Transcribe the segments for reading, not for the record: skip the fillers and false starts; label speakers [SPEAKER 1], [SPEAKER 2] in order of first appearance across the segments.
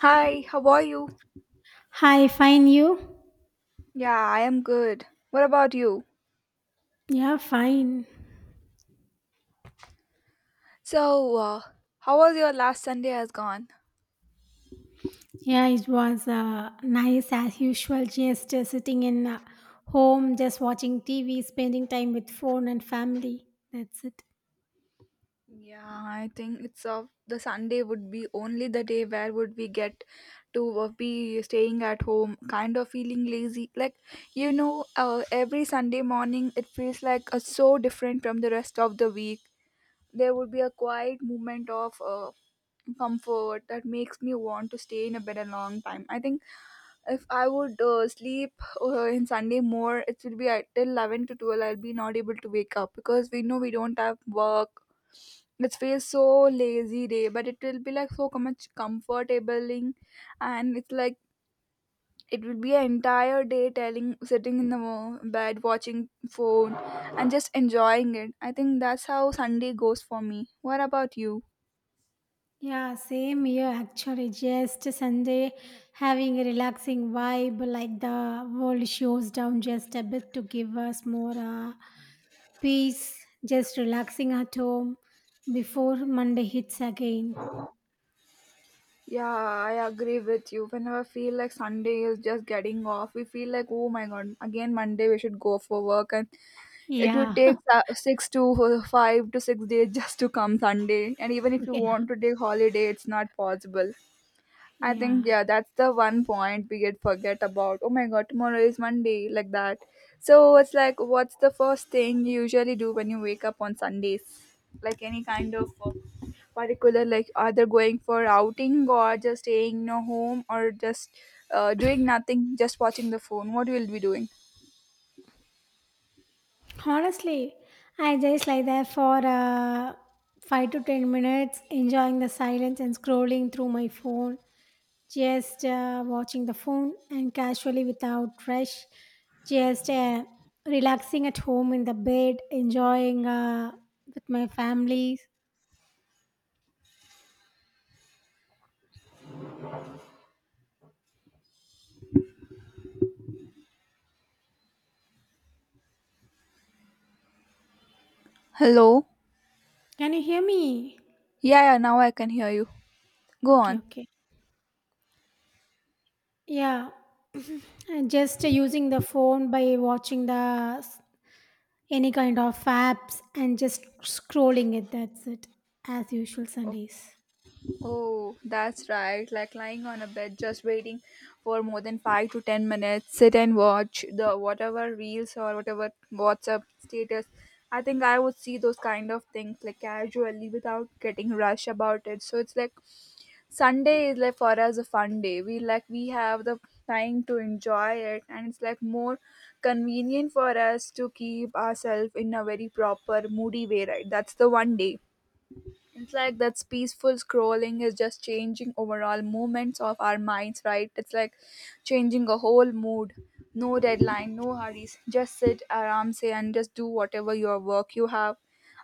[SPEAKER 1] Hi, how are you?
[SPEAKER 2] Hi, fine you?
[SPEAKER 1] Yeah, I am good. What about you?
[SPEAKER 2] Yeah, fine.
[SPEAKER 1] So, how was your last Sunday has gone?
[SPEAKER 2] Yeah, it was nice as usual, just sitting in home, just watching TV, spending time with phone and family. That's it.
[SPEAKER 1] Yeah, I think it's the Sunday would be only the day where would we get to be staying at home, kind of feeling lazy. Every Sunday morning it feels like so different from the rest of the week. There would be a quiet moment of comfort that makes me want to stay in a bed a long time. I think if I would sleep in Sunday more, it will be at till 11 to 12. I'll be not able to wake up because we know we don't have work. It feels so lazy day, but it will be like so much comfortabling, and it's like it will be an entire day telling sitting in the bed watching phone and just enjoying it. I think that's how Sunday goes for me. What about you?
[SPEAKER 2] Yeah, same here actually. Just Sunday, having a relaxing vibe, like the world shows down just a bit to give us more peace, just relaxing at home before Monday hits again.
[SPEAKER 1] Yeah, I agree with you. Whenever I feel like Sunday is just getting off, we feel like, oh my god, again Monday we should go for work, and it will
[SPEAKER 2] Yeah,
[SPEAKER 1] take six to 5 to 6 days just to come Sunday. And even if you
[SPEAKER 2] yeah,
[SPEAKER 1] want to take holiday, it's not possible. I think
[SPEAKER 2] yeah.
[SPEAKER 1] yeah, that's the one point we get forget about. Oh my god, tomorrow is Monday, like that. So it's like, what's the first thing you usually do when you wake up on Sundays? Like any kind of particular, like either going for outing or just staying in your home or just doing nothing, just watching the phone. What will you be doing?
[SPEAKER 2] Honestly, I just lie there for 5 to 10 minutes, enjoying the silence and scrolling through my phone, just watching the phone and casually without rush, just relaxing at home in the bed, enjoying with my family.
[SPEAKER 1] Hello.
[SPEAKER 2] Can you hear me?
[SPEAKER 1] Yeah, yeah. Now I can hear you. Go
[SPEAKER 2] Okay,
[SPEAKER 1] on.
[SPEAKER 2] okay. Yeah, and just using the phone by watching the any kind of apps and just scrolling it. That's it, as usual Sundays.
[SPEAKER 1] Oh, that's right. Like lying on a bed, just waiting for more than 5 to 10 minutes. Sit and watch the whatever reels or whatever WhatsApp status. I think I would see those kind of things like casually without getting rushed about it. So it's like Sunday is like for us a fun day. We like we have the time to enjoy it, and it's like more convenient for us to keep ourselves in a very proper moody way. Right? That's the one day it's like that's peaceful scrolling is just changing overall movements of our minds, right? It's like changing a whole mood. No deadline, no hurries. Just sit aram say and just do whatever your work you have.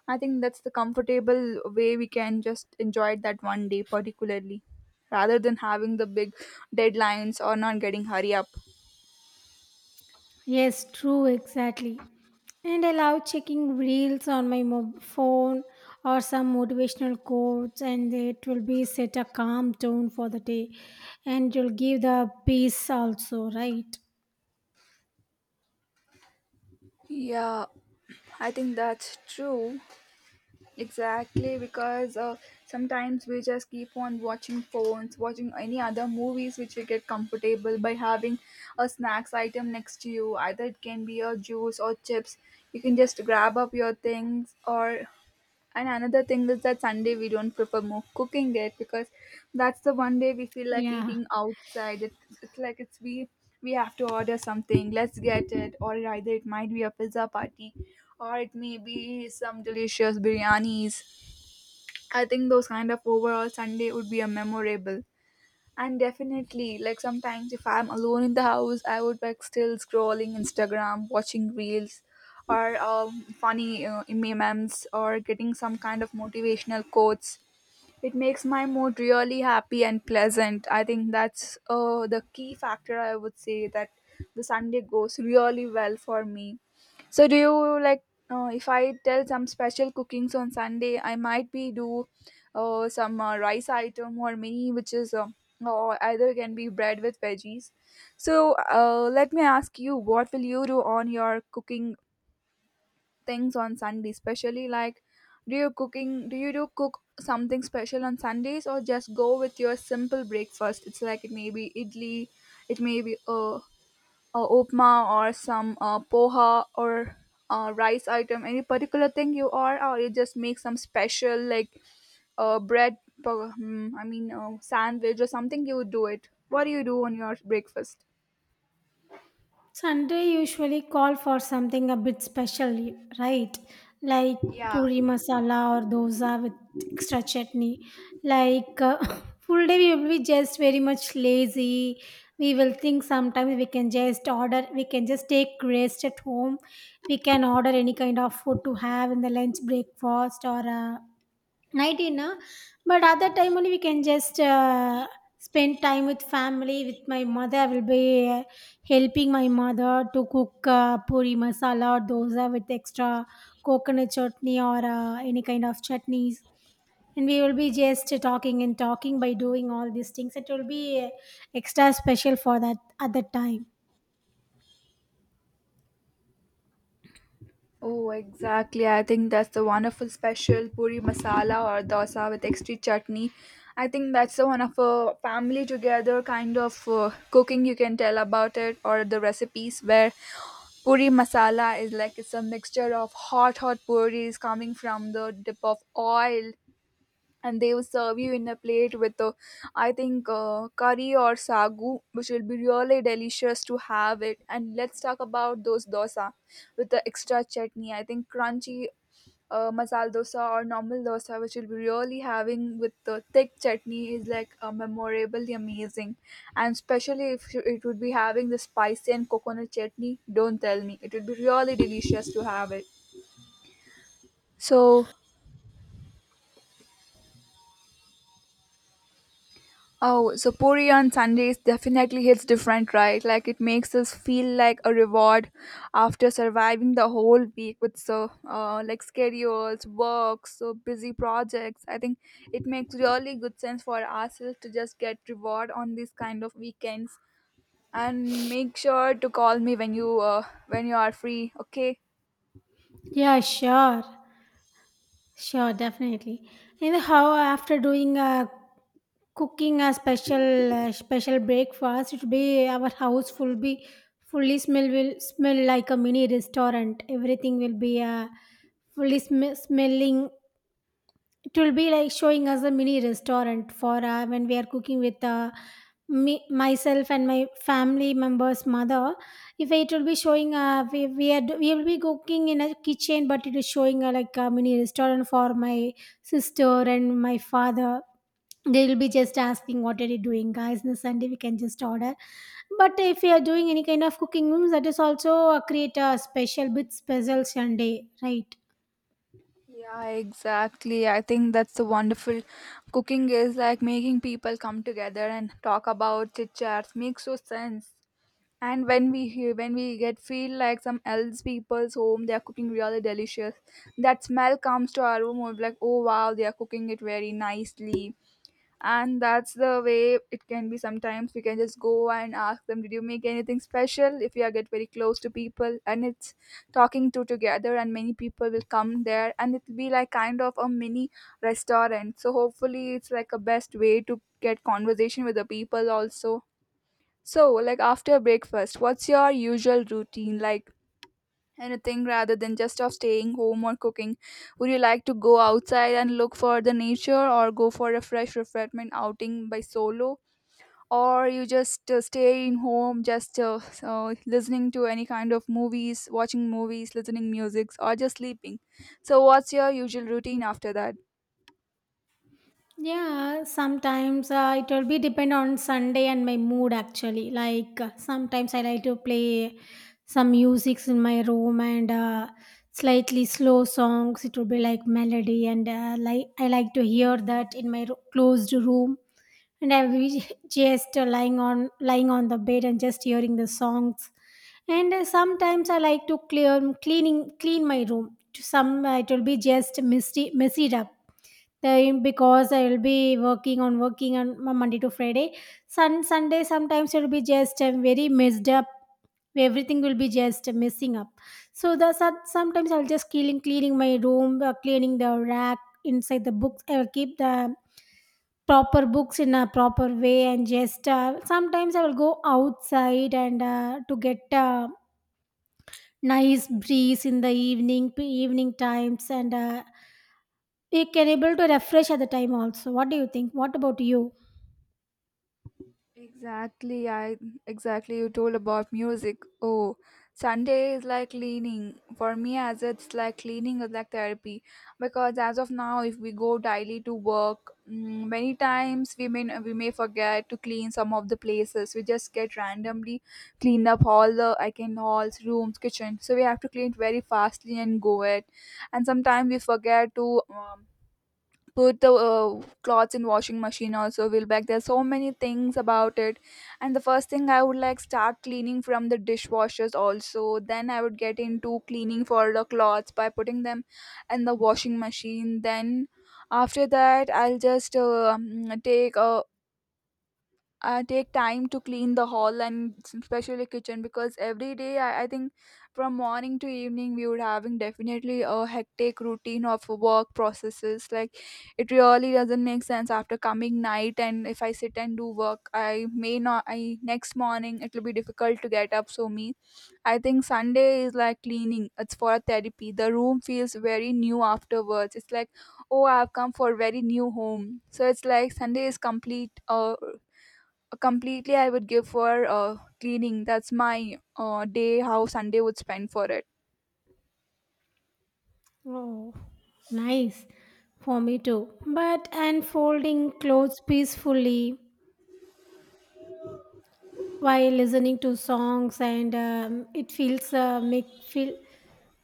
[SPEAKER 1] I think that's the comfortable way we can just enjoy it that one day particularly. Rather than having the big deadlines or not getting hurry up.
[SPEAKER 2] Yes, true, exactly. And I love checking reels on my phone, or some motivational quotes, and it will be set a calm tone for the day and you'll give the peace also, right?
[SPEAKER 1] Yeah, I think that's true. Exactly, because sometimes we just keep on watching phones, watching any other movies which we get comfortable by having a snacks item next to you. Either it can be a juice or chips. You can just grab up your things or and another thing is that Sunday we don't prefer more cooking it because that's the one day we feel like
[SPEAKER 2] Yeah,
[SPEAKER 1] eating outside. It's like it's we have to order something. Let's get it, or either it might be a pizza party, or it may be some delicious biryanis. I think those kind of overall Sunday would be a memorable. And definitely, like sometimes if I'm alone in the house, I would like still scrolling Instagram, watching reels, or funny memes, or getting some kind of motivational quotes. It makes my mood really happy and pleasant. I think that's the key factor. I would say that the Sunday goes really well for me. So do you like if I tell some special cookings on Sunday, I might be do some rice item or mini, which is or either can be bread with veggies. So let me ask you, what will you do on your cooking things on Sunday, especially like do you do cook something special on Sundays or just go with your simple breakfast? It's like it may be idli, it may be upma or some poha or rice item any particular thing you are or you just make some special like bread I mean sandwich or something you would do it what do you do on your breakfast?
[SPEAKER 2] Sunday usually call for something a bit special, right? Like puri masala or dosa with extra chutney. Like full day we will be just very much lazy. We will think sometimes we can just order, we can just take rest at home. We can order any kind of food to have in the lunch breakfast or 19 na? But other time only we can just spend time with family. With my mother I will be helping my mother to cook puri masala or dosa with extra coconut chutney or any kind of chutneys, and we will be just talking and talking. By doing all these things, it will be extra special for that at that time.
[SPEAKER 1] Oh, exactly. I think that's the wonderful special puri masala or dosa with extra chutney. I think that's the one of a family together kind of cooking you can tell about it or the recipes where puri masala is like it's a mixture of hot hot puris coming from the dip of oil and they will serve you in a plate with I think curry or sagu which will be really delicious to have it, and let's talk about those dosa with the extra chutney. I think crunchy masala dosa or normal dosa, which you'll be really having with the thick chutney, is like memorably amazing. And especially if you- it would be having the spicy and coconut chutney, don't tell me. It would be really delicious to have it. So, oh, so puri on Sundays definitely hits different, right? Like it makes us feel like a reward after surviving the whole week with so like schedules, work, so busy projects. I think it makes really good sense for ourselves to just get reward on these kind of weekends. And make sure to call me when you when you are free. Okay.
[SPEAKER 2] Yeah, sure. Sure, definitely. And how after doing a cooking a special special breakfast, it be our house will be fully smell will smell like a mini restaurant. Everything will be fully smelling. It will be like showing us a mini restaurant for when we are cooking with me, myself and my family members' mother. If it will be showing, are, we will be cooking in a kitchen, but it is showing like a mini restaurant for my sister and my father. They'll be just asking, what are you doing, guys? On a Sunday we can just order. But if you are doing any kind of cooking rooms, that is also create a special bit special Sunday, right?
[SPEAKER 1] Yeah, exactly. I think that's the wonderful cooking is like making people come together and talk about chit chats makes so sense. And when we hear, when we get feel like some else people's home, they are cooking really delicious. That smell comes to our room. We're like, oh wow, they are cooking it very nicely, and that's the way it can be sometimes we can just go and ask them did you make anything special if you are get very close to people, and it's talking to together and many people will come there and it'll be like kind of a mini restaurant, so hopefully it's like a best way to get conversation with the people also. So like after breakfast what's your usual routine, like anything rather than just of staying home or cooking? Would you like to go outside and look for the nature or go for a fresh refreshment outing by solo? Or you just stay in home, just so listening to any kind of movies, watching movies, listening music, or just sleeping. So, what's your usual routine after that?
[SPEAKER 2] Yeah, sometimes it will be depend on Sunday and my mood actually. Like sometimes I like to play some musics in my room and slightly slow songs. It will be like melody, and like I like to hear that in my closed room, and I will be just lying on the bed and just hearing the songs. And sometimes I like to clear cleaning clean my room. To some it will be just messy up. Then because I will be working on Monday to Friday, Sunday sometimes it will be just very messed up. Everything will be just messing up. So the sometimes I'll just cleaning my room, cleaning the rack inside the books. I will keep the proper books in a proper way, and just sometimes I will go outside and to get nice breeze in the evening times, and we can able to refresh at the time also. What do you think? What about you?
[SPEAKER 1] Exactly, I exactly, you told about music. Oh, Sunday is like cleaning. For me as it's like cleaning is like therapy because as of now if we go daily to work, many times we may forget to clean some of the places. We just get randomly cleaned up all the I can halls, rooms, kitchen. So we have to clean it very fastly and go it. And sometimes we forget to put the clothes in washing machine also will back there's so many things about it, and the first thing I would like start cleaning from the dishwashers also, then I would get into cleaning for the clothes by putting them in the washing machine, then after that I'll just take time to clean the hall and especially kitchen because every day I think from morning to evening we would having definitely a hectic routine of work processes like it really doesn't make sense after coming night and if I sit and do work I may not, I next morning it will be difficult to get up so me I think Sunday is like cleaning, it's for a therapy the room feels very new afterwards it's like oh I've come for a very new home, so it's like Sunday is completely I would give for cleaning, that's my day how sunday would spend for it.
[SPEAKER 2] Oh, nice. For me too, but unfolding clothes peacefully while listening to songs, and it feels make feel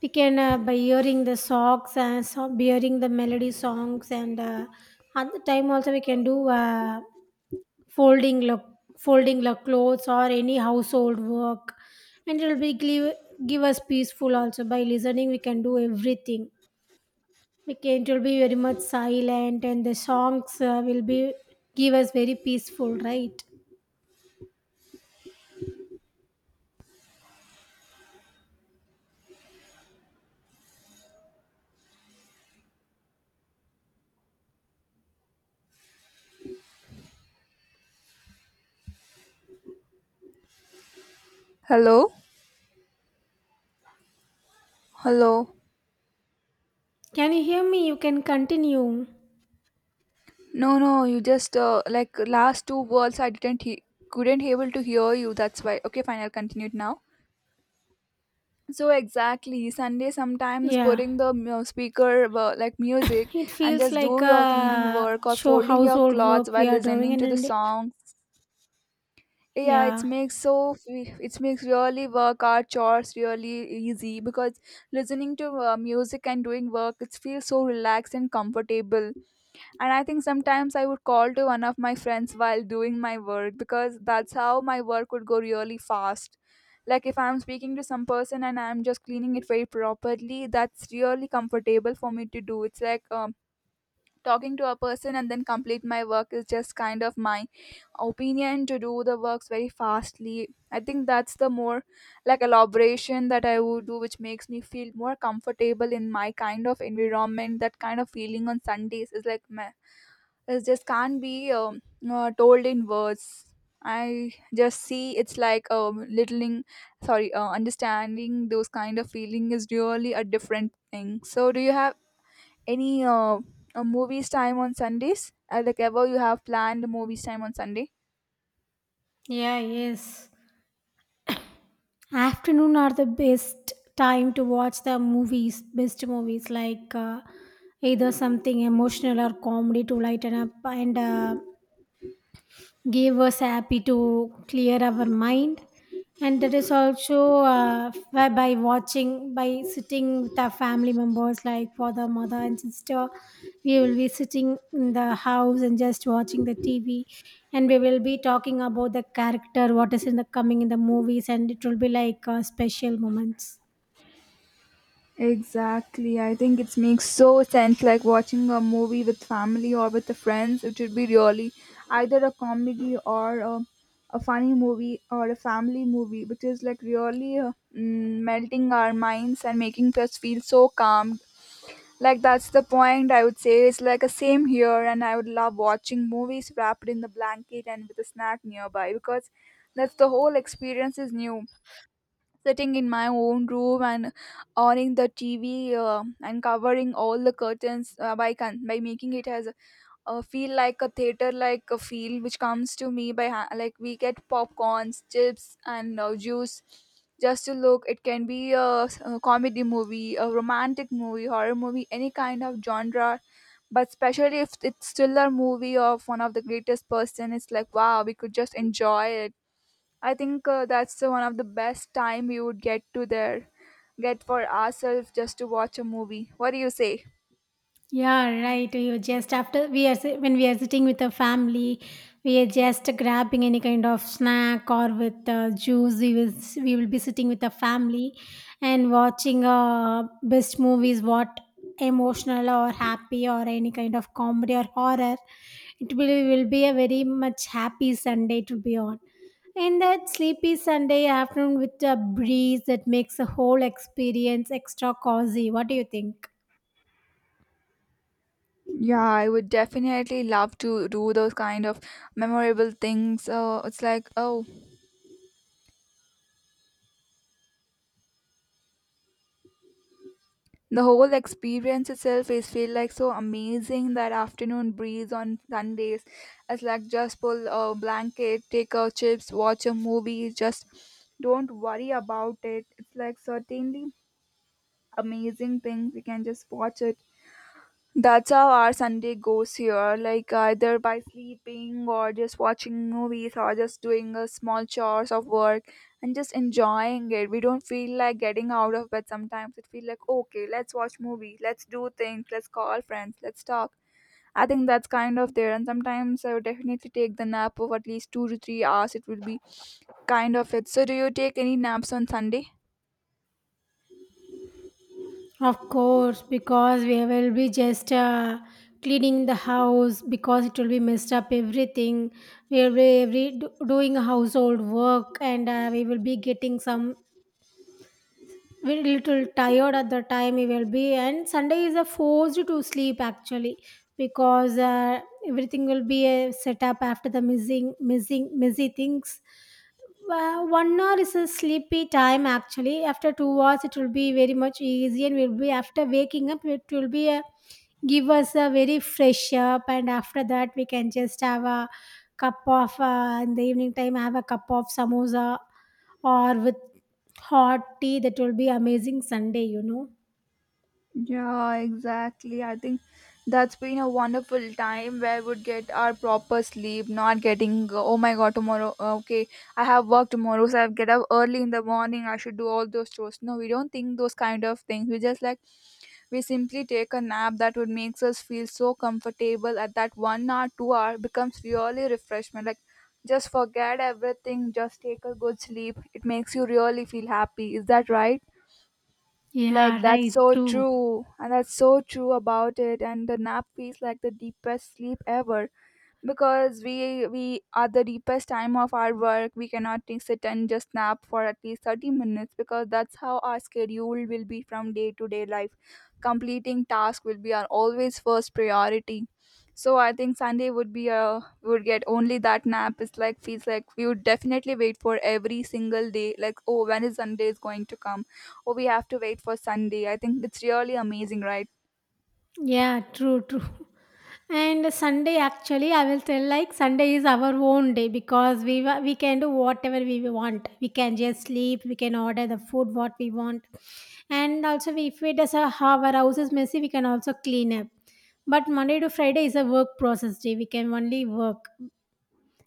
[SPEAKER 2] we can by hearing the melody songs, and at the time also we can do folding look folding the clothes or any household work, and it will be give us peaceful. Also by listening, we can do everything. We can, it will be very much silent, and the songs will be give us very peaceful, right?
[SPEAKER 1] Hello. Hello.
[SPEAKER 2] Can you hear me? You can continue.
[SPEAKER 1] No, no, you just like last two words I didn't couldn't able to hear you, that's why. Okay, fine, I'll continue it now. So exactly sunday sometimes
[SPEAKER 2] Yeah,
[SPEAKER 1] putting the speaker like music
[SPEAKER 2] it
[SPEAKER 1] and
[SPEAKER 2] feels
[SPEAKER 1] just
[SPEAKER 2] like
[SPEAKER 1] do your cleaning
[SPEAKER 2] a
[SPEAKER 1] work or
[SPEAKER 2] show
[SPEAKER 1] folding your
[SPEAKER 2] household
[SPEAKER 1] clothes
[SPEAKER 2] work we
[SPEAKER 1] while
[SPEAKER 2] are doing,
[SPEAKER 1] listening
[SPEAKER 2] and,
[SPEAKER 1] to the
[SPEAKER 2] and
[SPEAKER 1] song. Yeah,
[SPEAKER 2] yeah.
[SPEAKER 1] it makes really work our chores really easy because listening to music and doing work it feels so relaxed and comfortable, and I think sometimes I would call to one of my friends while doing my work because that's how my work would go really fast, like if I'm speaking to some person and I'm just cleaning it very properly that's really comfortable for me to do, it's like talking to a person and then complete my work is just kind of my opinion to do The works very fastly, I think that's the more like elaboration that I would do, which makes me feel more comfortable in my kind of environment. That kind of feeling on Sundays is like meh, it just can't be told in words. I just see it's like littling sorry, understanding those kind of feeling is really a different thing. So do you have any movies time on Sundays? Like ever you have planned movies time on Sunday?
[SPEAKER 2] Yeah, yes. Afternoon are the best time to watch the movies, best movies. Like either something emotional or comedy to lighten up, and gave us happy to clear our mind. And that is also by watching, by sitting with our family members like father, mother and sister. We will be sitting in the house and just watching the TV, and we will be talking about the character, what is in the coming in the movies, and it will be like special moments.
[SPEAKER 1] Exactly. I think it makes so sense, like watching a movie with family or with the friends. It should be really either a comedy or a funny movie or a family movie, which is like really melting our minds and making us feel so calm. Like that's the point I would say. It's like a same here, and I would love watching movies wrapped in the blanket and with a snack nearby, because that's the whole experience is new. Sitting in my own room and owning the TV, and covering all the curtains, by making it as feel like a theater, like a feel which comes to me like we get popcorns, chips and juice, just to look. It can be a comedy movie, a romantic movie, horror movie, any kind of genre. But especially if it's still movie of one of the greatest person, it's like wow, we could just enjoy it. I think that's the one of the best time we would get to there, get for ourselves just to watch a movie. What do you say?
[SPEAKER 2] Yeah, right. You just after we are when we are sitting with the family, we are just grabbing any kind of snack or with juice. We will we will be sitting with the family and watching best movies. What emotional or happy or any kind of comedy or horror. It will be a very much happy Sunday to be on. And that sleepy Sunday afternoon with a breeze that makes the whole experience extra cozy. What do you think?
[SPEAKER 1] Yeah, I would definitely love to do those kind of memorable things. It's like, oh, the whole experience itself is feel like so amazing. That afternoon breeze on Sundays, it's like just pull a blanket, take our chips, watch a movie. Just don't worry about it. It's like certainly amazing thing. We can just watch it. That's how our Sunday goes here, like either by sleeping or just watching movies or just doing a small chores of work and just enjoying it. We don't feel like getting out of bed sometimes. It feels like, okay, let's watch movie, let's do things, let's call friends, let's talk. I think that's kind of there. And sometimes I would definitely take the nap of at least 2 to 3 hours. It would be kind of it. So do you take any naps on Sunday?
[SPEAKER 2] Of course, because we will be just cleaning the house because it will be messed up everything. We will be every, doing household work, and we will be getting some, we're a little tired at the time we will be, and Sunday is a forced to sleep actually, because everything will be set up after the messy things. 1 hour is a sleepy time actually. After 2 hours, it will be very much easy, and we'll be after waking up, it will be a give us a very fresh up, and after that, we can just have a cup of in the evening time, have a cup of samosa or with hot tea. That will be amazing Sunday, you know.
[SPEAKER 1] Yeah, exactly. I think that's been a wonderful time where we would get our proper sleep, not getting, oh my god, tomorrow, okay, I have work tomorrow, so I have get up early in the morning, I should do all those chores. No, we don't think those kind of things. We just like, we simply take a nap that would makes us feel so comfortable at that 1 hour, 2 hour becomes really refreshment. Like, just forget everything, just take a good sleep. It makes you really feel happy. Is that right? Like
[SPEAKER 2] Yeah,
[SPEAKER 1] that's
[SPEAKER 2] right,
[SPEAKER 1] so
[SPEAKER 2] true.
[SPEAKER 1] true, and that's so true about it. And the nap feels like the deepest sleep ever, because we at the deepest time of our work we cannot sit and just nap for at least 30 minutes, because that's how our schedule will be from day to day life. Completing task will be our always first priority. So I think Sunday would be a, we would get only that nap. It's like feels like we would definitely wait for every single day, like oh, when is Sunday is going to come, oh we have to wait for Sunday. I think it's really amazing, right?
[SPEAKER 2] Yeah, true, true. And Sunday actually I will tell, like, Sunday is our own day, because we we can do whatever we want. We can just sleep, we can order the food what we want. And also we, if we does our house is messy, we can also clean up. But Monday to Friday is a work process day, we can only work.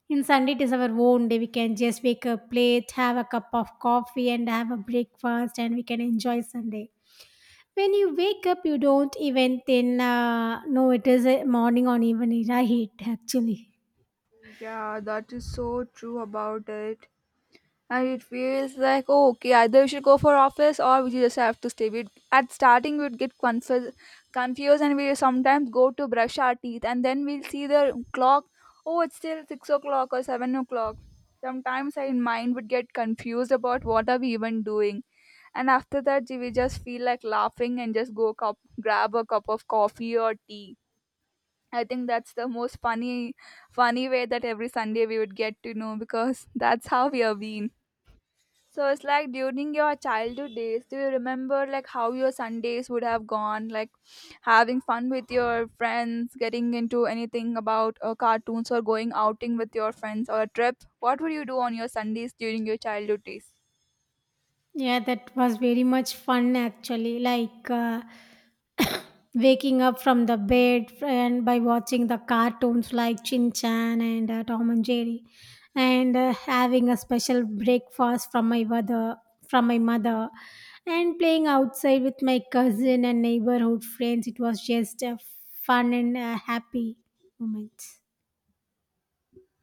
[SPEAKER 2] In Sunday, it is our own day. We can just wake up late, have a cup of coffee, and have a breakfast, and we can enjoy Sunday. When you wake up, you don't even then know it is a morning or even a night, actually.
[SPEAKER 1] Yeah, that is so true about it. And it feels like oh okay, either we should go for office or we just have to stay. We would at starting we'd get confused, confused, and we sometimes go to brush our teeth and then we'll see the clock. Oh, it's still 6 o'clock or 7 o'clock. Sometimes our mind would get confused about what are we even doing. And after that we just feel like laughing and just go cup, grab a cup of coffee or tea. I think that's the most funny, funny way that every Sunday we would get to know, because that's how we are been. So it's like during your childhood days, do you remember like how your Sundays would have gone, like having fun with your friends, getting into anything about cartoons or going outing with your friends or a trip? What would you do on your Sundays during your childhood days?
[SPEAKER 2] Yeah, that was very much fun actually. Like waking up from the bed and by watching the cartoons like Chin Chan and Tom and Jerry, and having a special breakfast from my mother, and playing outside with my cousin and neighborhood friends. It was just a fun and happy moments.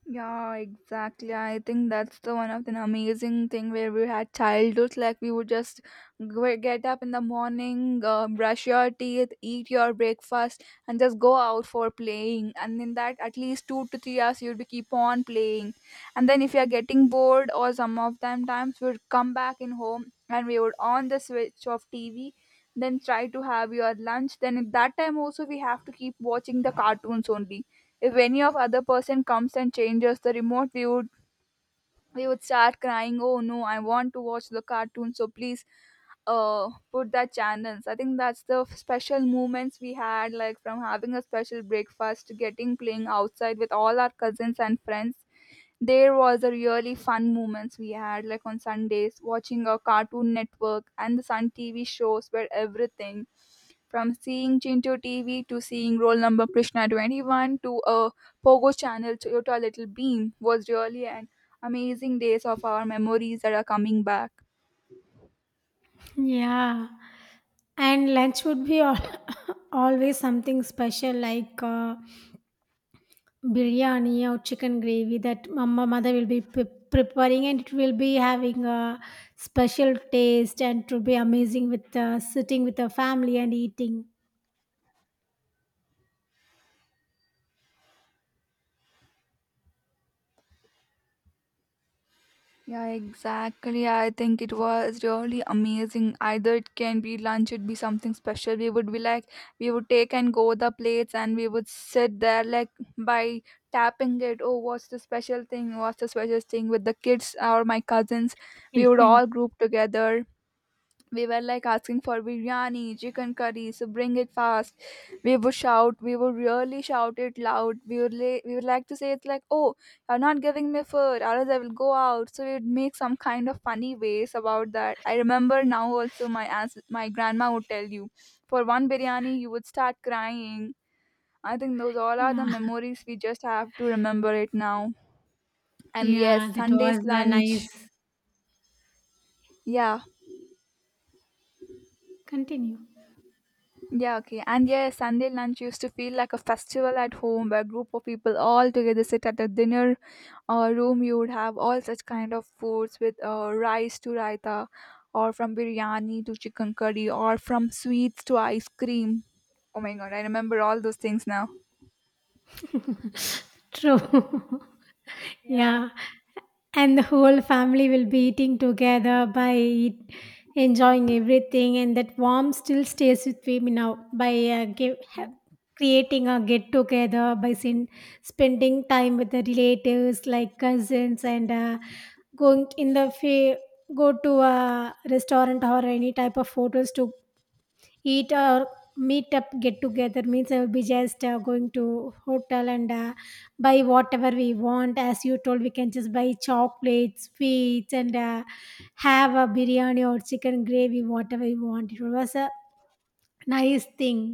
[SPEAKER 1] Yeah, exactly. I think that's the one of the amazing thing where we had childhoods. Like we would just get up in the morning, brush your teeth, eat your breakfast, and just go out for playing. And in that, at least 2 to 3 hours, you'd be keep on playing. And then if you're getting bored, or some of them times, we'd come back in home and we would on the switch of TV. Then try to have your lunch. Then at that time also, we have to keep watching the cartoons only. If any of other person comes and changes the remote, we would, we would start crying, oh no, I want to watch the cartoon, so please put that channels. I think that's the special moments we had, like from having a special breakfast to getting playing outside with all our cousins and friends. There was a really fun moments we had, like on Sundays, watching a Cartoon Network and the Sun TV shows were everything. From seeing Chinto TV to seeing roll number Krishna 21 to a Pogo channel Toyota Little Beam was really an amazing days of our memories that are coming back.
[SPEAKER 2] Yeah. And lunch would be al always something special, like biryani or chicken gravy that mama mother will be preparing, and it will be having a special taste and to be amazing with sitting with the family and eating.
[SPEAKER 1] Yeah, exactly. I think it was really amazing. Either it can be lunch, it'd be something special. We would be like, we would take and go the plates and we would sit there like by tapping it. Oh, what's the special thing? What's the special thing with the kids or my cousins? We would all group together. We were like asking for biryani, chicken curry, so bring it fast. We would shout, we would really shout it loud, we would we would like to say, it's like oh, you're not giving me food or else I will go out. So we'd make some kind of funny ways about that. I remember now also my my grandma would tell you, for one biryani you would start crying. I think those all are
[SPEAKER 2] Yeah,
[SPEAKER 1] the memories we just have to remember it now. And yes,
[SPEAKER 2] yeah, that was
[SPEAKER 1] Sunday's
[SPEAKER 2] a
[SPEAKER 1] lunch.
[SPEAKER 2] nice,
[SPEAKER 1] Yeah.
[SPEAKER 2] continue.
[SPEAKER 1] Yeah, okay. And yeah, Sunday lunch used to feel like a festival at home, where a group of people all together sit at a dinner or room. You would have all such kind of foods with rice to raita, or from biryani to chicken curry, or from sweets to ice cream. Oh my god, I remember all those things now.
[SPEAKER 2] True.
[SPEAKER 1] Yeah.
[SPEAKER 2] Yeah, and the whole family will be eating together by enjoying everything, and that warmth still stays with me now by creating a get together by spending time with the relatives like cousins and going in the fa- go to a restaurant or any type of photos to eat, or meet up get together means I will be just going to hotel, and buy whatever we want. As you told, we can just buy chocolates, sweets, and have a biryani or chicken gravy, whatever we want. It was a nice thing.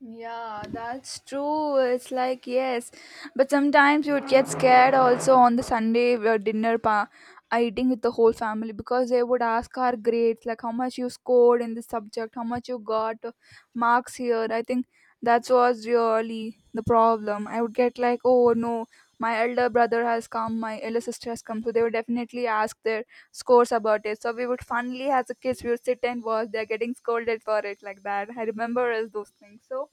[SPEAKER 1] Yeah, that's true. It's like yes, but sometimes you would get scared also on the Sunday dinner pa eating with the whole family, because they would ask our grades, like how much you scored in this subject, how much you got marks here. I think that was really the problem. I would get like, oh no, my elder brother has come, my elder sister has come, so they would definitely ask their scores about it. So we would funnily, as a kids, we would sit and watch. They're getting scolded for it like that. I remember as those things. So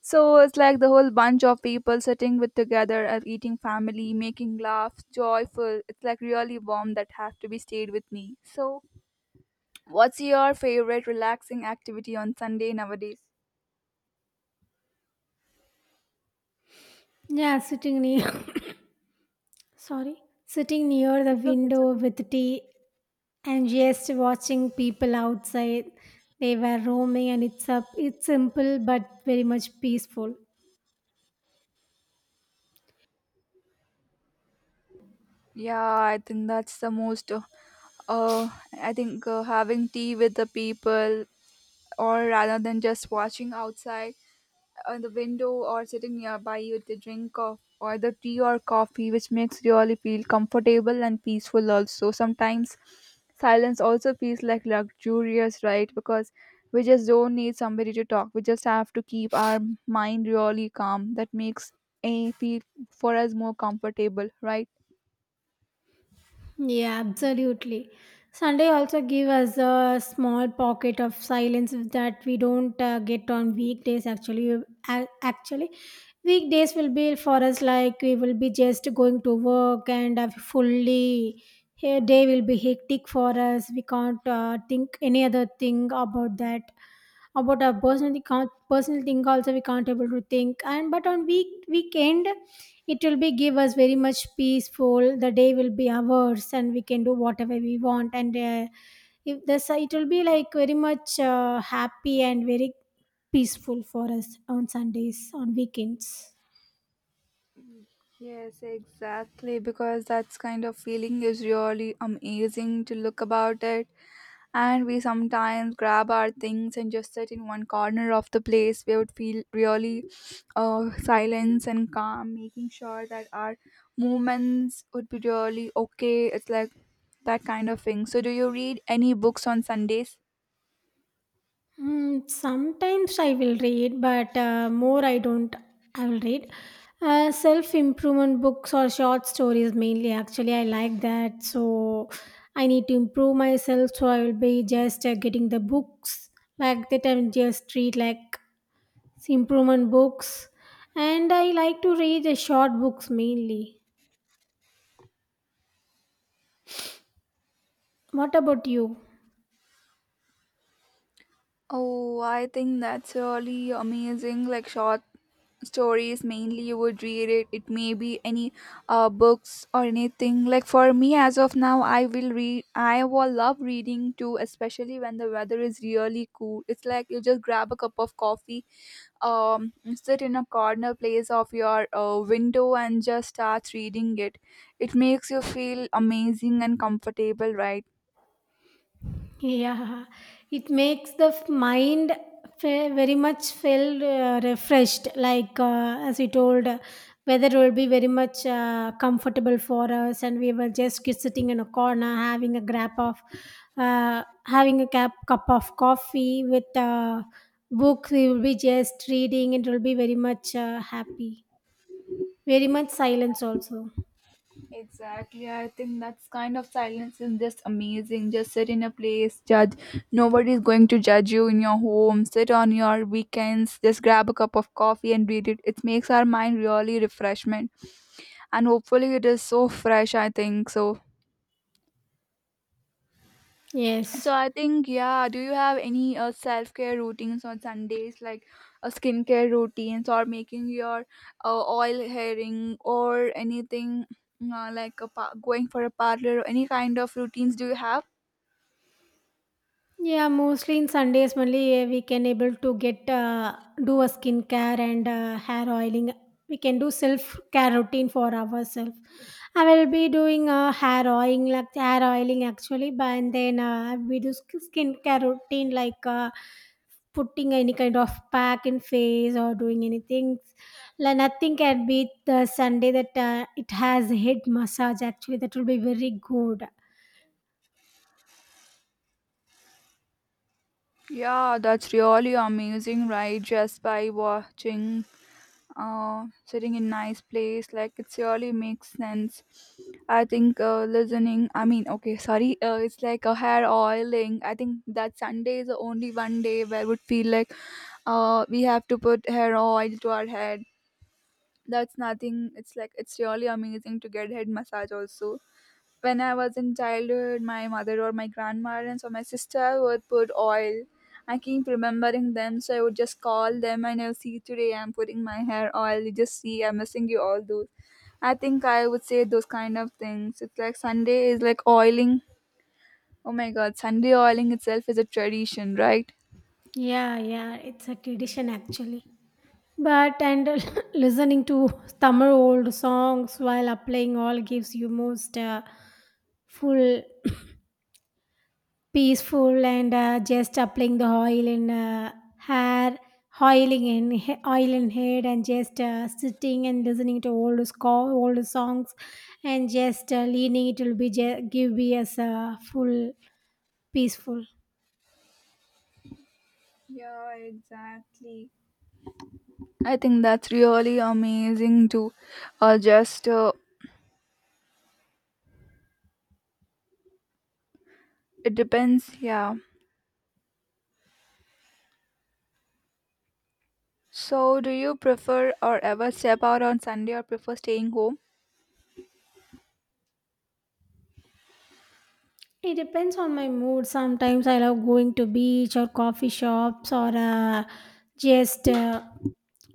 [SPEAKER 1] so it's like the whole bunch of people sitting with together and eating family, making laughs, joyful. It's like really warm that have to be stayed with me. So what's your favorite relaxing activity on Sunday nowadays?
[SPEAKER 2] Yeah, sitting near sorry, sitting near the
[SPEAKER 1] It's okay, it's
[SPEAKER 2] window
[SPEAKER 1] okay.
[SPEAKER 2] with tea and just watching people outside. They were roaming, and it's a, it's simple but very much peaceful.
[SPEAKER 1] Yeah, I think that's the most. Uh, I think having tea with the people, or rather than just watching outside on the window, or sitting nearby with a drink of or the tea or coffee, which makes really feel comfortable and peaceful. Also sometimes silence also feels like luxurious, right? Because we just don't need somebody to talk, we just have to keep our mind really calm. That makes a feel for us more comfortable, right?
[SPEAKER 2] Yeah, absolutely. Sunday also give us a small pocket of silence that we don't get on weekdays. Actually, actually, weekdays will be for us like we will be just going to work, and fully here day will be hectic for us. We can't think any other thing about that. About our personal thing, personal thing also we can't able to think. And but on weekend it will be give us very much peaceful. The day will be ours, and we can do whatever we want, and if this, it will be like very much happy and very peaceful for us on Sundays, on weekends.
[SPEAKER 1] Yes, exactly, because that's kind of feeling is really amazing to look about it, and we sometimes grab our things and just sit in one corner of the place where we would feel really silence and calm, making sure that our movements would be really okay. It's like that kind of thing. So do you read any books on Sundays?
[SPEAKER 2] Mm, sometimes I will read, but more I don't. I will read self improvement books or short stories mainly. Actually, I like that. So I need to improve myself. So I will be just getting the books like that. I'm just read like improvement books, and I like to read the short books mainly. What about you?
[SPEAKER 1] Oh, I think that's really amazing, like short stories mainly you would read it. It may be any books or anything. Like, for me as of now, I will read, I will love reading too, especially when the weather is really cool. It's like you just grab a cup of coffee, um sit in a corner place of your window and just start reading it. It makes you feel amazing and comfortable, right?
[SPEAKER 2] Yeah, it makes mind very much feel refreshed. Like as we told, weather will be very much comfortable for us, and we were just sitting in a corner having a grab of uh, having a cap cup of coffee with a book. We will be just reading and it will be very much happy, very much silence also.
[SPEAKER 1] Exactly. I think that's kind of silence is just amazing. Just sit in a place, judge. Nobody's going to judge you in your home. Sit on your weekends, just grab a cup of coffee and read it. It makes our mind really refreshment. And hopefully it is so fresh, I think. So
[SPEAKER 2] Yes.
[SPEAKER 1] so I think yeah, do you have any self-care routines on Sundays, like a skincare routines, or making your oil herring or anything, like a going for a parlor or any kind of routines do you have?
[SPEAKER 2] Yeah, mostly in Sundays only we can able to get do a skincare and hair oiling. We can do self care routine for ourselves. I will be doing hair oiling like hair oiling actually. But and then we do skincare routine like putting any kind of pack in face or doing anything. Like nothing can beat the Sunday that it has head massage. Actually, that will be very good.
[SPEAKER 1] Yeah, that's really amazing, right? Just by watching, sitting in nice place, like it's really makes sense. I think listening. I mean, okay, sorry. It's like a hair oiling. I think that Sunday is the only one day where would feel like, we have to put hair oil to our head. That's nothing. It's like it's really amazing to get head massage also when I was in childhood. My mother or my grandparents or my sister would put oil. I keep remembering them, so I would just call them and I'll see today I'm putting my hair oil. You just see, I'm missing you all those. I think I would say those kind of things. It's like Sunday is like oiling. Oh my god, Sunday oiling itself is a tradition, right?
[SPEAKER 2] Yeah, yeah, it's a tradition actually. But and listening to summer old songs while applying all gives you most full, peaceful, and just applying the oil in hair, oiling in oil in head, and just sitting and listening to old score, old songs, and just leaning. It will be give me as a full peaceful.
[SPEAKER 1] Yeah, exactly. I think that's really amazing too. Or just, it depends, yeah. So, do you prefer or ever step out on Sunday or prefer staying home?
[SPEAKER 2] It depends on my mood. Sometimes I love going to beach or coffee shops or just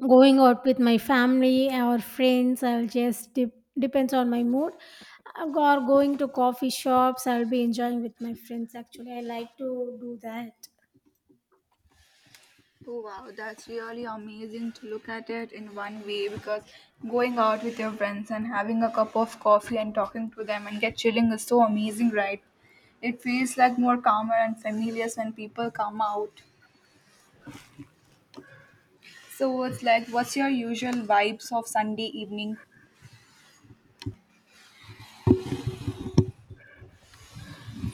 [SPEAKER 2] going out with my family or friends. I'll just depends on my mood. Or going to coffee shops. I'll be enjoying with my friends. Actually, I like to do that.
[SPEAKER 1] Oh wow, that's really amazing to look at it in one way, because going out with your friends and having a cup of coffee and talking to them and get chilling is so amazing, right? It feels like more calmer and familiar when people come out. So it's like, what's your usual vibes of Sunday evening?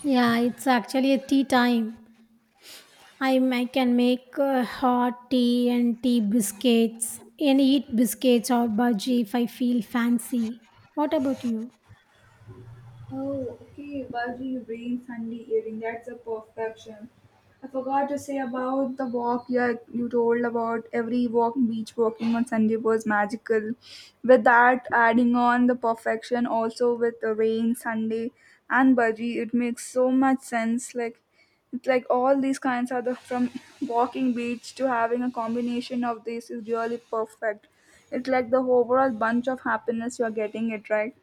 [SPEAKER 2] Yeah, it's actually a tea time. I can make hot tea and tea biscuits and eat biscuits or bhaji if I feel fancy. What about you?
[SPEAKER 1] Oh, okay. Bulgy rain, Sunday evening. That's a perfection. I forgot to say about the walk. Yeah, you told about every walk, beach walking on Sunday was magical. With that, adding on the perfection also with the rain, Sunday, and Bulgy, it makes so much sense. Like, it's like all these kinds are the from walking beach to having a combination of this is really perfect. It's like the overall bunch of happiness you're getting it, right.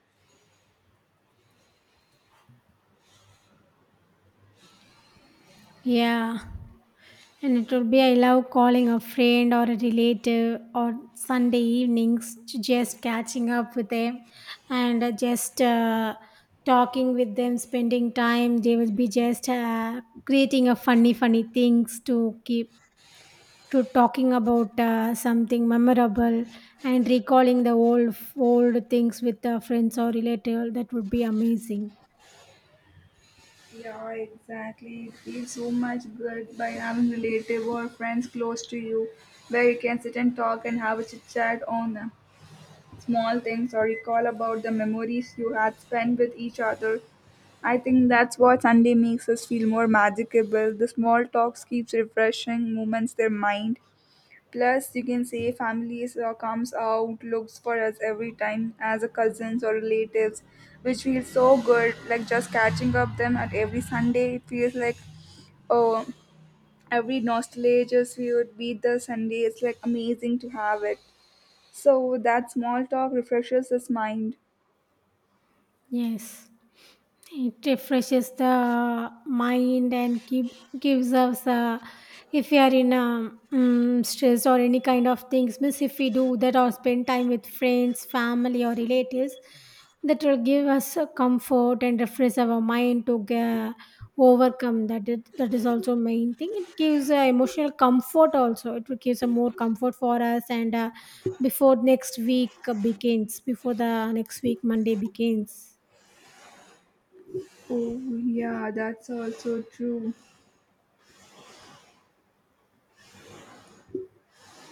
[SPEAKER 2] Yeah. And it would be I love calling a friend or a relative or Sunday evenings to just catching up with them and just talking with them, spending time. They will be just creating a funny, funny things to keep to talking about something memorable and recalling the old old things with the friends or relative. That would be amazing.
[SPEAKER 1] Yeah, exactly. It feels so much good by having relative or friends close to you, where you can sit and talk and have a chit chat on small things, or recall about the memories you had spent with each other. I think that's what Sunday makes us feel more magical. The small talks keeps refreshing moments their mind. Plus, you can say families comes out looks for us every time as a cousins or relatives, which feels so good. Like just catching up them at every Sunday, it feels like oh, every nostalgia we would beat the Sunday. It's like amazing to have it. So that small talk refreshes his mind.
[SPEAKER 2] Yes, it refreshes the mind and keep, gives us a, if we are in a stress or any kind of things, means if we do that or spend time with friends, family, or relatives, that will give us a comfort and refresh our mind to overcome that. It, that is also main thing. It gives emotional comfort also. It will gives a more comfort for us and before next week begins, before the next week Monday begins.
[SPEAKER 1] Oh yeah, that's also true.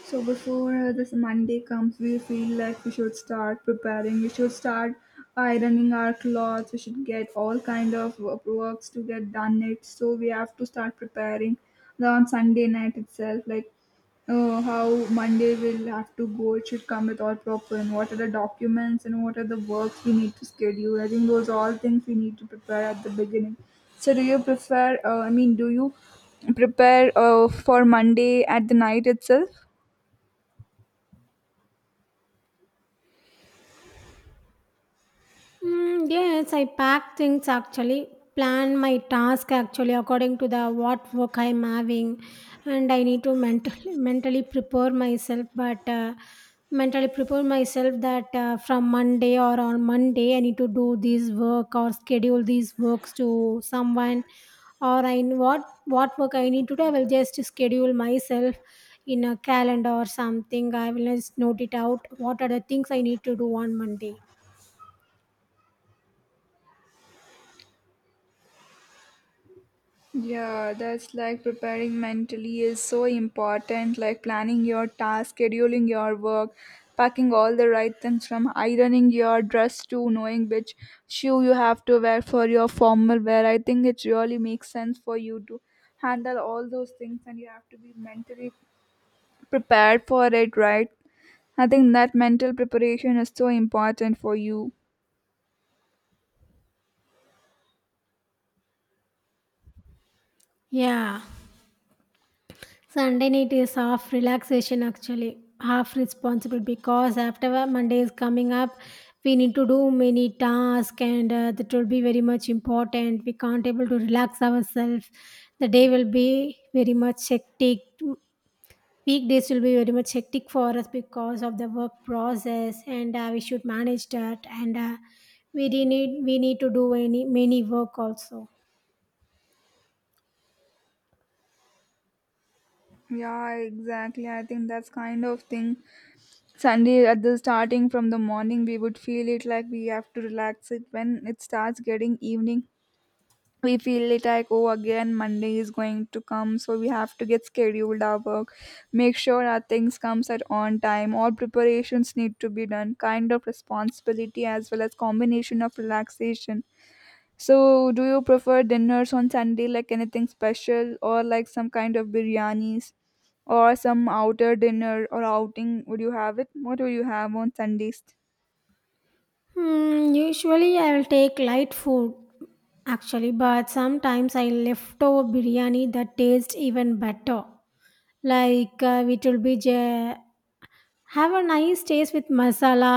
[SPEAKER 1] So before this Monday comes, we feel like we should start preparing. We should start ironing our clothes. We should get all kind of works to get done. It so we have to start preparing on Sunday night itself. Like how Monday will have to go. It should come with all proper and what are the documents and what are the works we need to schedule. I think those are all things we need to prepare at the beginning. So do you prefer? I mean, do you prepare for Monday at the night itself?
[SPEAKER 2] Mm, yes, I pack things actually, plan my task actually according to the what work I'm having, and I need to mentally mentally prepare myself. But mentally prepare myself that from Monday or on Monday I need to do this work or schedule these works to someone, or I what work I need to do. I will just schedule myself in a calendar or something. I will just note it out. What are the things I need to do on Monday?
[SPEAKER 1] Yeah, that's like preparing mentally is so important, like planning your task, scheduling your work, packing all the right things from ironing your dress to knowing which shoe you have to wear for your formal wear. I think it really makes sense for you to handle all those things and you have to be mentally prepared for it, right? I think that mental preparation is so important for you.
[SPEAKER 2] Yeah. Sunday night is half relaxation actually, half responsible because after Monday is coming up, we need to do many tasks and that will be very much important. We can't able to relax ourselves. The day will be very much hectic. Weekdays will be very much hectic for us because of the work process, and we should manage that. And we need to do any many work also.
[SPEAKER 1] Yeah, exactly. I think that's kind of thing Sunday at the starting from the morning, we would feel it like we have to relax it. When it starts getting evening, we feel it like, oh, again, Monday is going to come. So we have to get scheduled our work, make sure our things comes at on time. All preparations need to be done, kind of responsibility as well as combination of relaxation. So do you prefer dinners on Sunday, like anything special or like some kind of biryanis, or some outer dinner or outing would you have it? What would you have on Sundays?
[SPEAKER 2] Hmm, usually I'll take light food actually, but sometimes I leftover biryani that tastes even better. Like it will be have a nice taste with masala,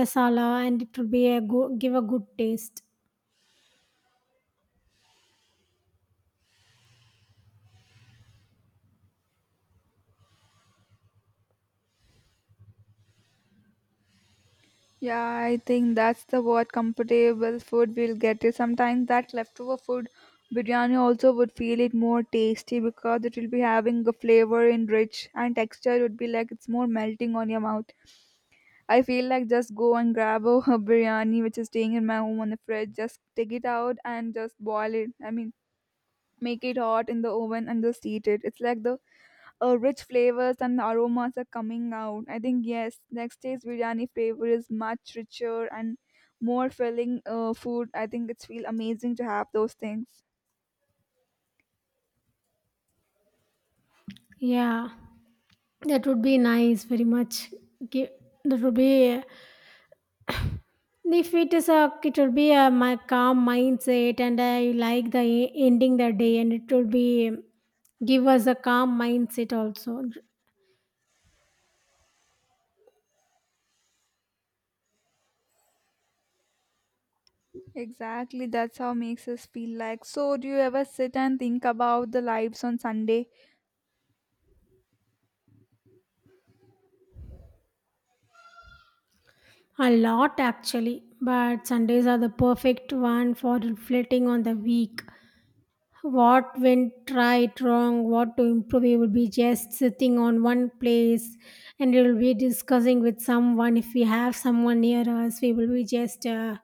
[SPEAKER 2] masala, and it will be a give a good taste.
[SPEAKER 1] Yeah, I think that's the what comfortable food we'll get it sometimes. That leftover food biryani also would feel it more tasty, because it will be having a flavor and rich, and texture would be like it's more melting on your mouth. I feel like just go and grab a, a biryani which is staying in my home on the fridge, just take it out and just boil it. I mean, make it hot in the oven and just eat it. It's like the rich flavors and aromas are coming out. I think yes, next day's biryani flavor is much richer and more filling food. I think it's feel amazing to have those things.
[SPEAKER 2] Yeah, that would be nice, very much. Give, that would be if it is a it will be a my calm mindset, and I like the ending the day, and it will be give us a calm mindset also.
[SPEAKER 1] Exactly, that's how makes us feel like. So, do you ever sit and think about the lives on Sunday?
[SPEAKER 2] A lot actually, but sundays are the perfect one for reflecting on the week. What went right, wrong, what to improve? We will be just sitting on one place and we will be discussing with someone. If we have someone near us, we will be just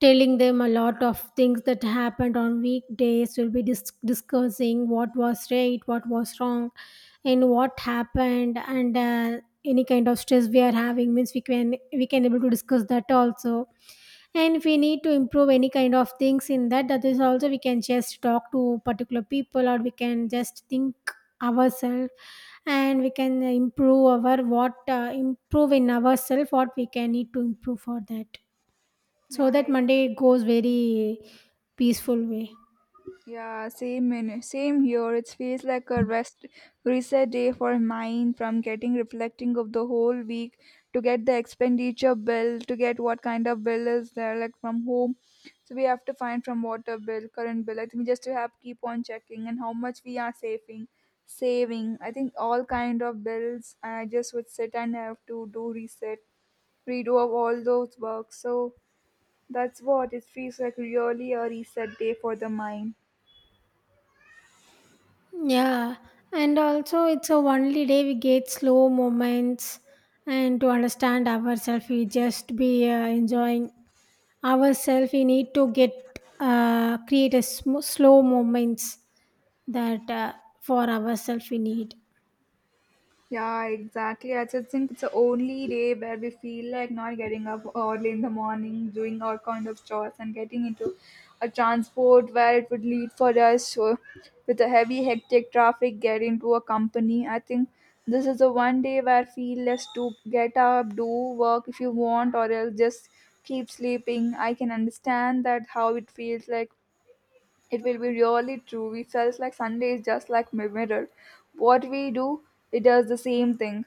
[SPEAKER 2] telling them a lot of things that happened on weekdays. We'll be discussing what was right, what was wrong, and what happened. And any kind of stress we are having means we can able to discuss that also. And if we need to improve any kind of things in that, that is also we can just talk to particular people or we can just think ourselves, and we can improve our what improve in ourselves what we can need to improve for that, so
[SPEAKER 1] Yeah,
[SPEAKER 2] that
[SPEAKER 1] I.
[SPEAKER 2] monday goes very peaceful way.
[SPEAKER 1] Yeah, same in, same here. It feels like a rest reset day for mine, from getting reflecting of the whole week, to get the expenditure bill, to get what kind of bill is there like from home. So we have to find from water bill, current bill. I think we just to have keep on checking and how much we are saving. I think all kind of bills I just would sit and have to do reset, redo of all those works. So that's what it feels like really a reset day for the mind.
[SPEAKER 2] Yeah, and also it's a only day we get slow moments and to understand ourselves. We just be enjoying ourselves. We need to get create a slow moments that for ourselves we need.
[SPEAKER 1] Yeah, exactly. I just think it's the only day where we feel like not getting up early in the morning, doing all kind of chores, and getting into a transport where it would lead for us, so with the heavy, hectic traffic, get into a company. I think this is the one day where I feel less to get up, do work if you want, or else just keep sleeping. I can understand that how it feels like. It will be really true. We felt like Sunday is just like mirror. What we do, it does the same thing.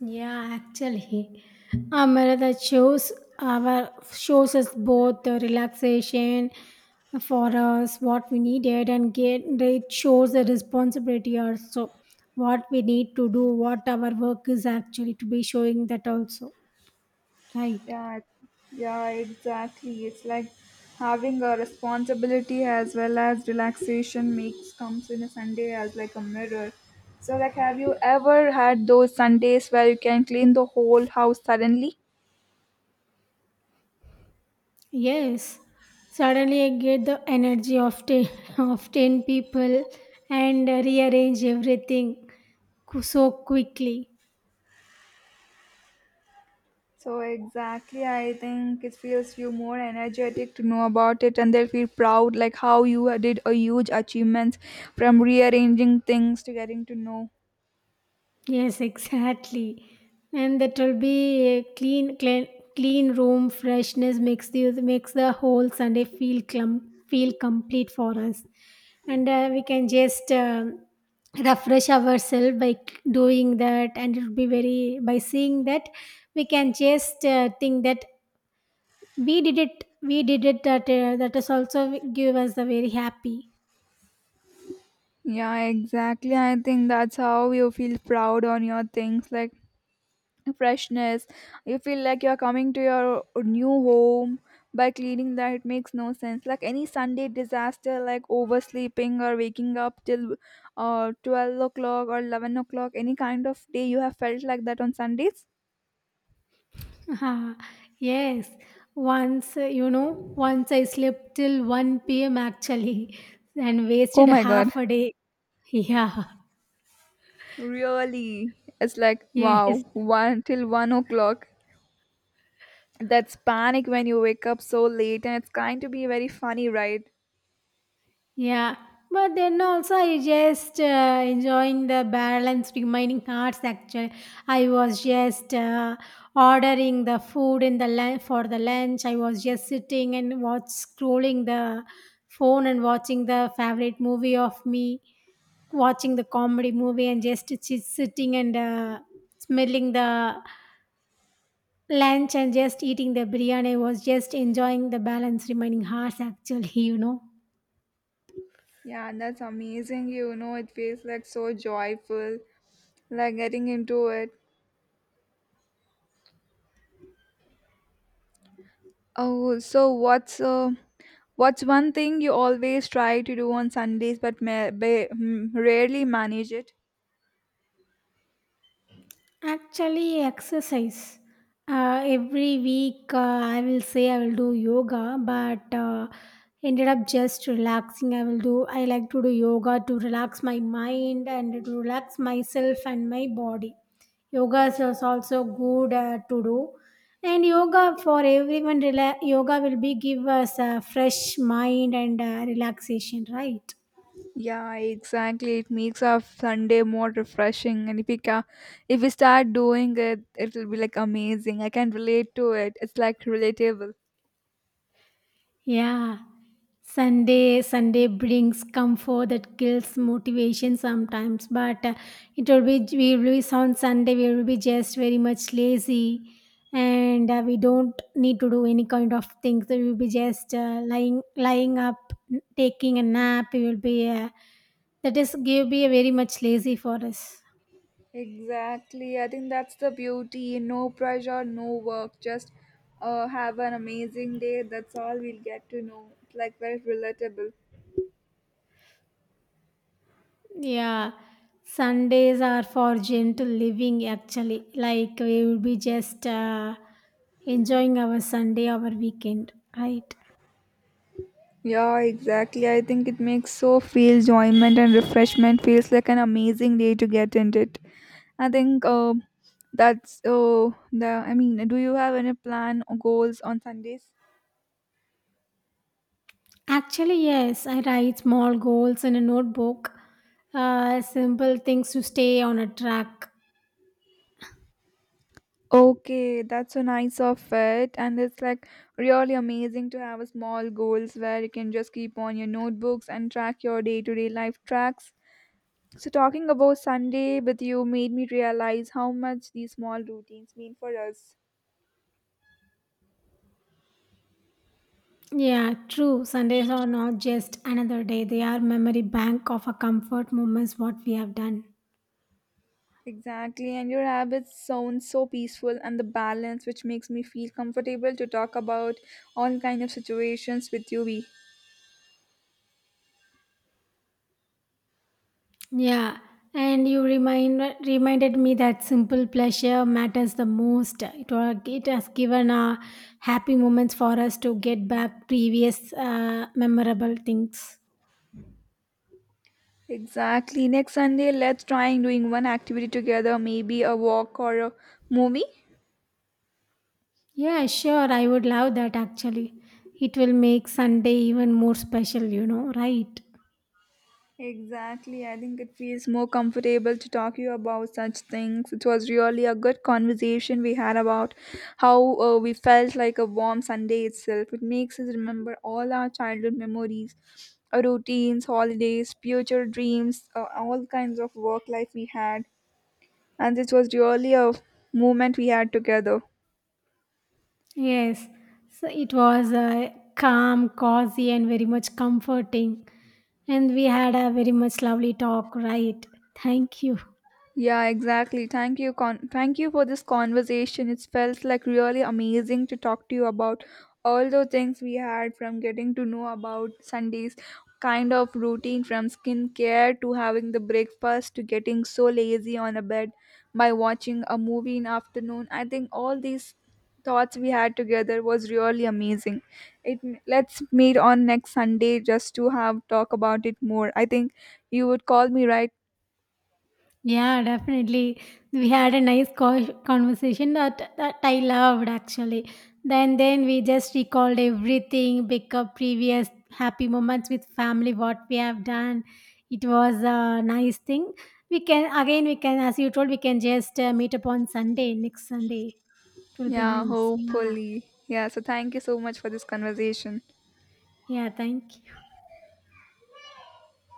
[SPEAKER 2] Yeah, actually, a marathon shows our shows us both the relaxation for us what we needed and get, it shows the responsibility also what we need to do, what our work is actually, to be showing that also, right?
[SPEAKER 1] Yeah, it- yeah, exactly. It's like having a responsibility as well as relaxation makes comes in a Sunday as like a mirror. So like have you ever had those Sundays where you can clean the whole house suddenly?
[SPEAKER 2] Yes. Suddenly, I get the energy of ten of ten people and rearrange everything so quickly.
[SPEAKER 1] So exactly, I think it feels you more energetic to know about it, and they'll feel proud, like how you did a huge achievement from rearranging things to getting to know.
[SPEAKER 2] Yes, exactly. And that will be a clean, clean, clean room freshness makes the whole Sunday feel feel complete for us, and we can just refresh ourselves by doing that, and it will be very by seeing that we can just think that we did it. That that is also give us the very happy.
[SPEAKER 1] Yeah, exactly. I think that's how you feel proud on your things, like freshness. You feel like you're coming to your new home by cleaning that. It makes no sense. Like any Sunday disaster, like oversleeping or waking up till 12 o'clock or 11 o'clock, any kind of day you have felt like that on Sundays?
[SPEAKER 2] Ha, yes, once, once I slept till 1 p.m. actually and
[SPEAKER 1] Oh
[SPEAKER 2] wasted
[SPEAKER 1] my god,
[SPEAKER 2] half a day.
[SPEAKER 1] really? It's like,
[SPEAKER 2] Yeah, yes.
[SPEAKER 1] wow, one till 1 o'clock. That's panic when you wake up so late, and it's going to be very funny, right?
[SPEAKER 2] Yeah, but then also I just enjoying the balanced remaining arts. Actually, I was just ordering the food in the lunch for the lunch. I was just sitting and watch scrolling the phone and watching the favorite movie of me, watching the comedy movie and just sitting and smelling the lunch and just eating the biryani. I was just enjoying the balanced remaining hearts. Actually, you know.
[SPEAKER 1] Yeah, that's amazing. You know, it feels like so joyful, like getting into it. Oh, so what's one thing you always try to do on Sundays but rarely manage it?
[SPEAKER 2] Actually, exercise. Every week, I will say I will do yoga, but ended up just relaxing. I will do. I like to do yoga to relax my mind and to relax myself and my body. Yoga is also good to do, and yoga for everyone. Yoga will be give us a fresh mind and relaxation, right?
[SPEAKER 1] Yeah, exactly. It makes our Sunday more refreshing, and if we start doing it, it'll be like amazing. I can relate to it. It's like relatable.
[SPEAKER 2] Yeah. Sunday brings comfort that kills motivation sometimes, but it will be we will be on Sunday we will be just very much lazy, and we don't need to do any kind of things. We will be just lying up, taking a nap. We will be that is give be very much lazy for us.
[SPEAKER 1] Exactly. I think that's the beauty. No pressure, no work. Just have an amazing day. That's all we'll get to know. It's like very relatable.
[SPEAKER 2] Yeah, Sundays are for gentle living actually. Like we will be just enjoying our Sunday, our weekend, right?
[SPEAKER 1] Yeah, exactly. I think it makes so feel enjoyment and refreshment, feels like an amazing day to get into it. I think that's the. I mean, do you have any plan or goals on Sundays?
[SPEAKER 2] Actually, yes, I write small goals in a notebook, simple things to stay on a track.
[SPEAKER 1] Okay, that's so nice of it, and it's like really amazing to have a small goals where you can just keep on your notebooks and track your day-to-day life tracks. So, talking about Sunday with you made me realize how much these small routines mean for us.
[SPEAKER 2] Yeah, true. Sundays are not just another day, they are memory bank of our comfort moments, what we have done.
[SPEAKER 1] Exactly, and your habits sound so peaceful and the balance which makes me feel comfortable to talk about all kind of situations with you. Be
[SPEAKER 2] Yeah, and you remind reminded me that simple pleasure matters the most. It it has given happy moments for us to get back previous memorable things.
[SPEAKER 1] Exactly. Next Sunday, let's try doing one activity together, maybe a walk or a movie.
[SPEAKER 2] Yeah, sure, I would love that actually. It will make Sunday even more special, you know, right?
[SPEAKER 1] Exactly. I think it feels more comfortable to talk you about such things. It was really a good conversation we had about how we felt like a warm Sunday itself. It makes us remember all our childhood memories, our routines, holidays, future dreams, all kinds of work life we had. And this was really a moment we had together.
[SPEAKER 2] Yes, so it was calm, cozy, and very much comforting. And we had a very much lovely talk, right? Thank you.
[SPEAKER 1] Yeah, exactly. Thank you. Thank you for this conversation. It felt like really amazing to talk to you about all the things we had from getting to know about Sundays kind of routine, from skincare to having the breakfast to getting so lazy on a bed by watching a movie in afternoon. I think all these thoughts we had together was really amazing. It let's meet on next Sunday just to have talk about it more. I think you would call me, right?
[SPEAKER 2] Yeah, definitely. We had a nice conversation that I loved actually. Then we just recalled everything, pick up previous happy moments with family, what we have done. It was a nice thing. We can, as you told, we can just meet up on Sunday next Sunday. It will be
[SPEAKER 1] Yeah,
[SPEAKER 2] nice. Yeah,
[SPEAKER 1] hopefully. Yeah, so thank you so much for this conversation.
[SPEAKER 2] yeah. Thank you.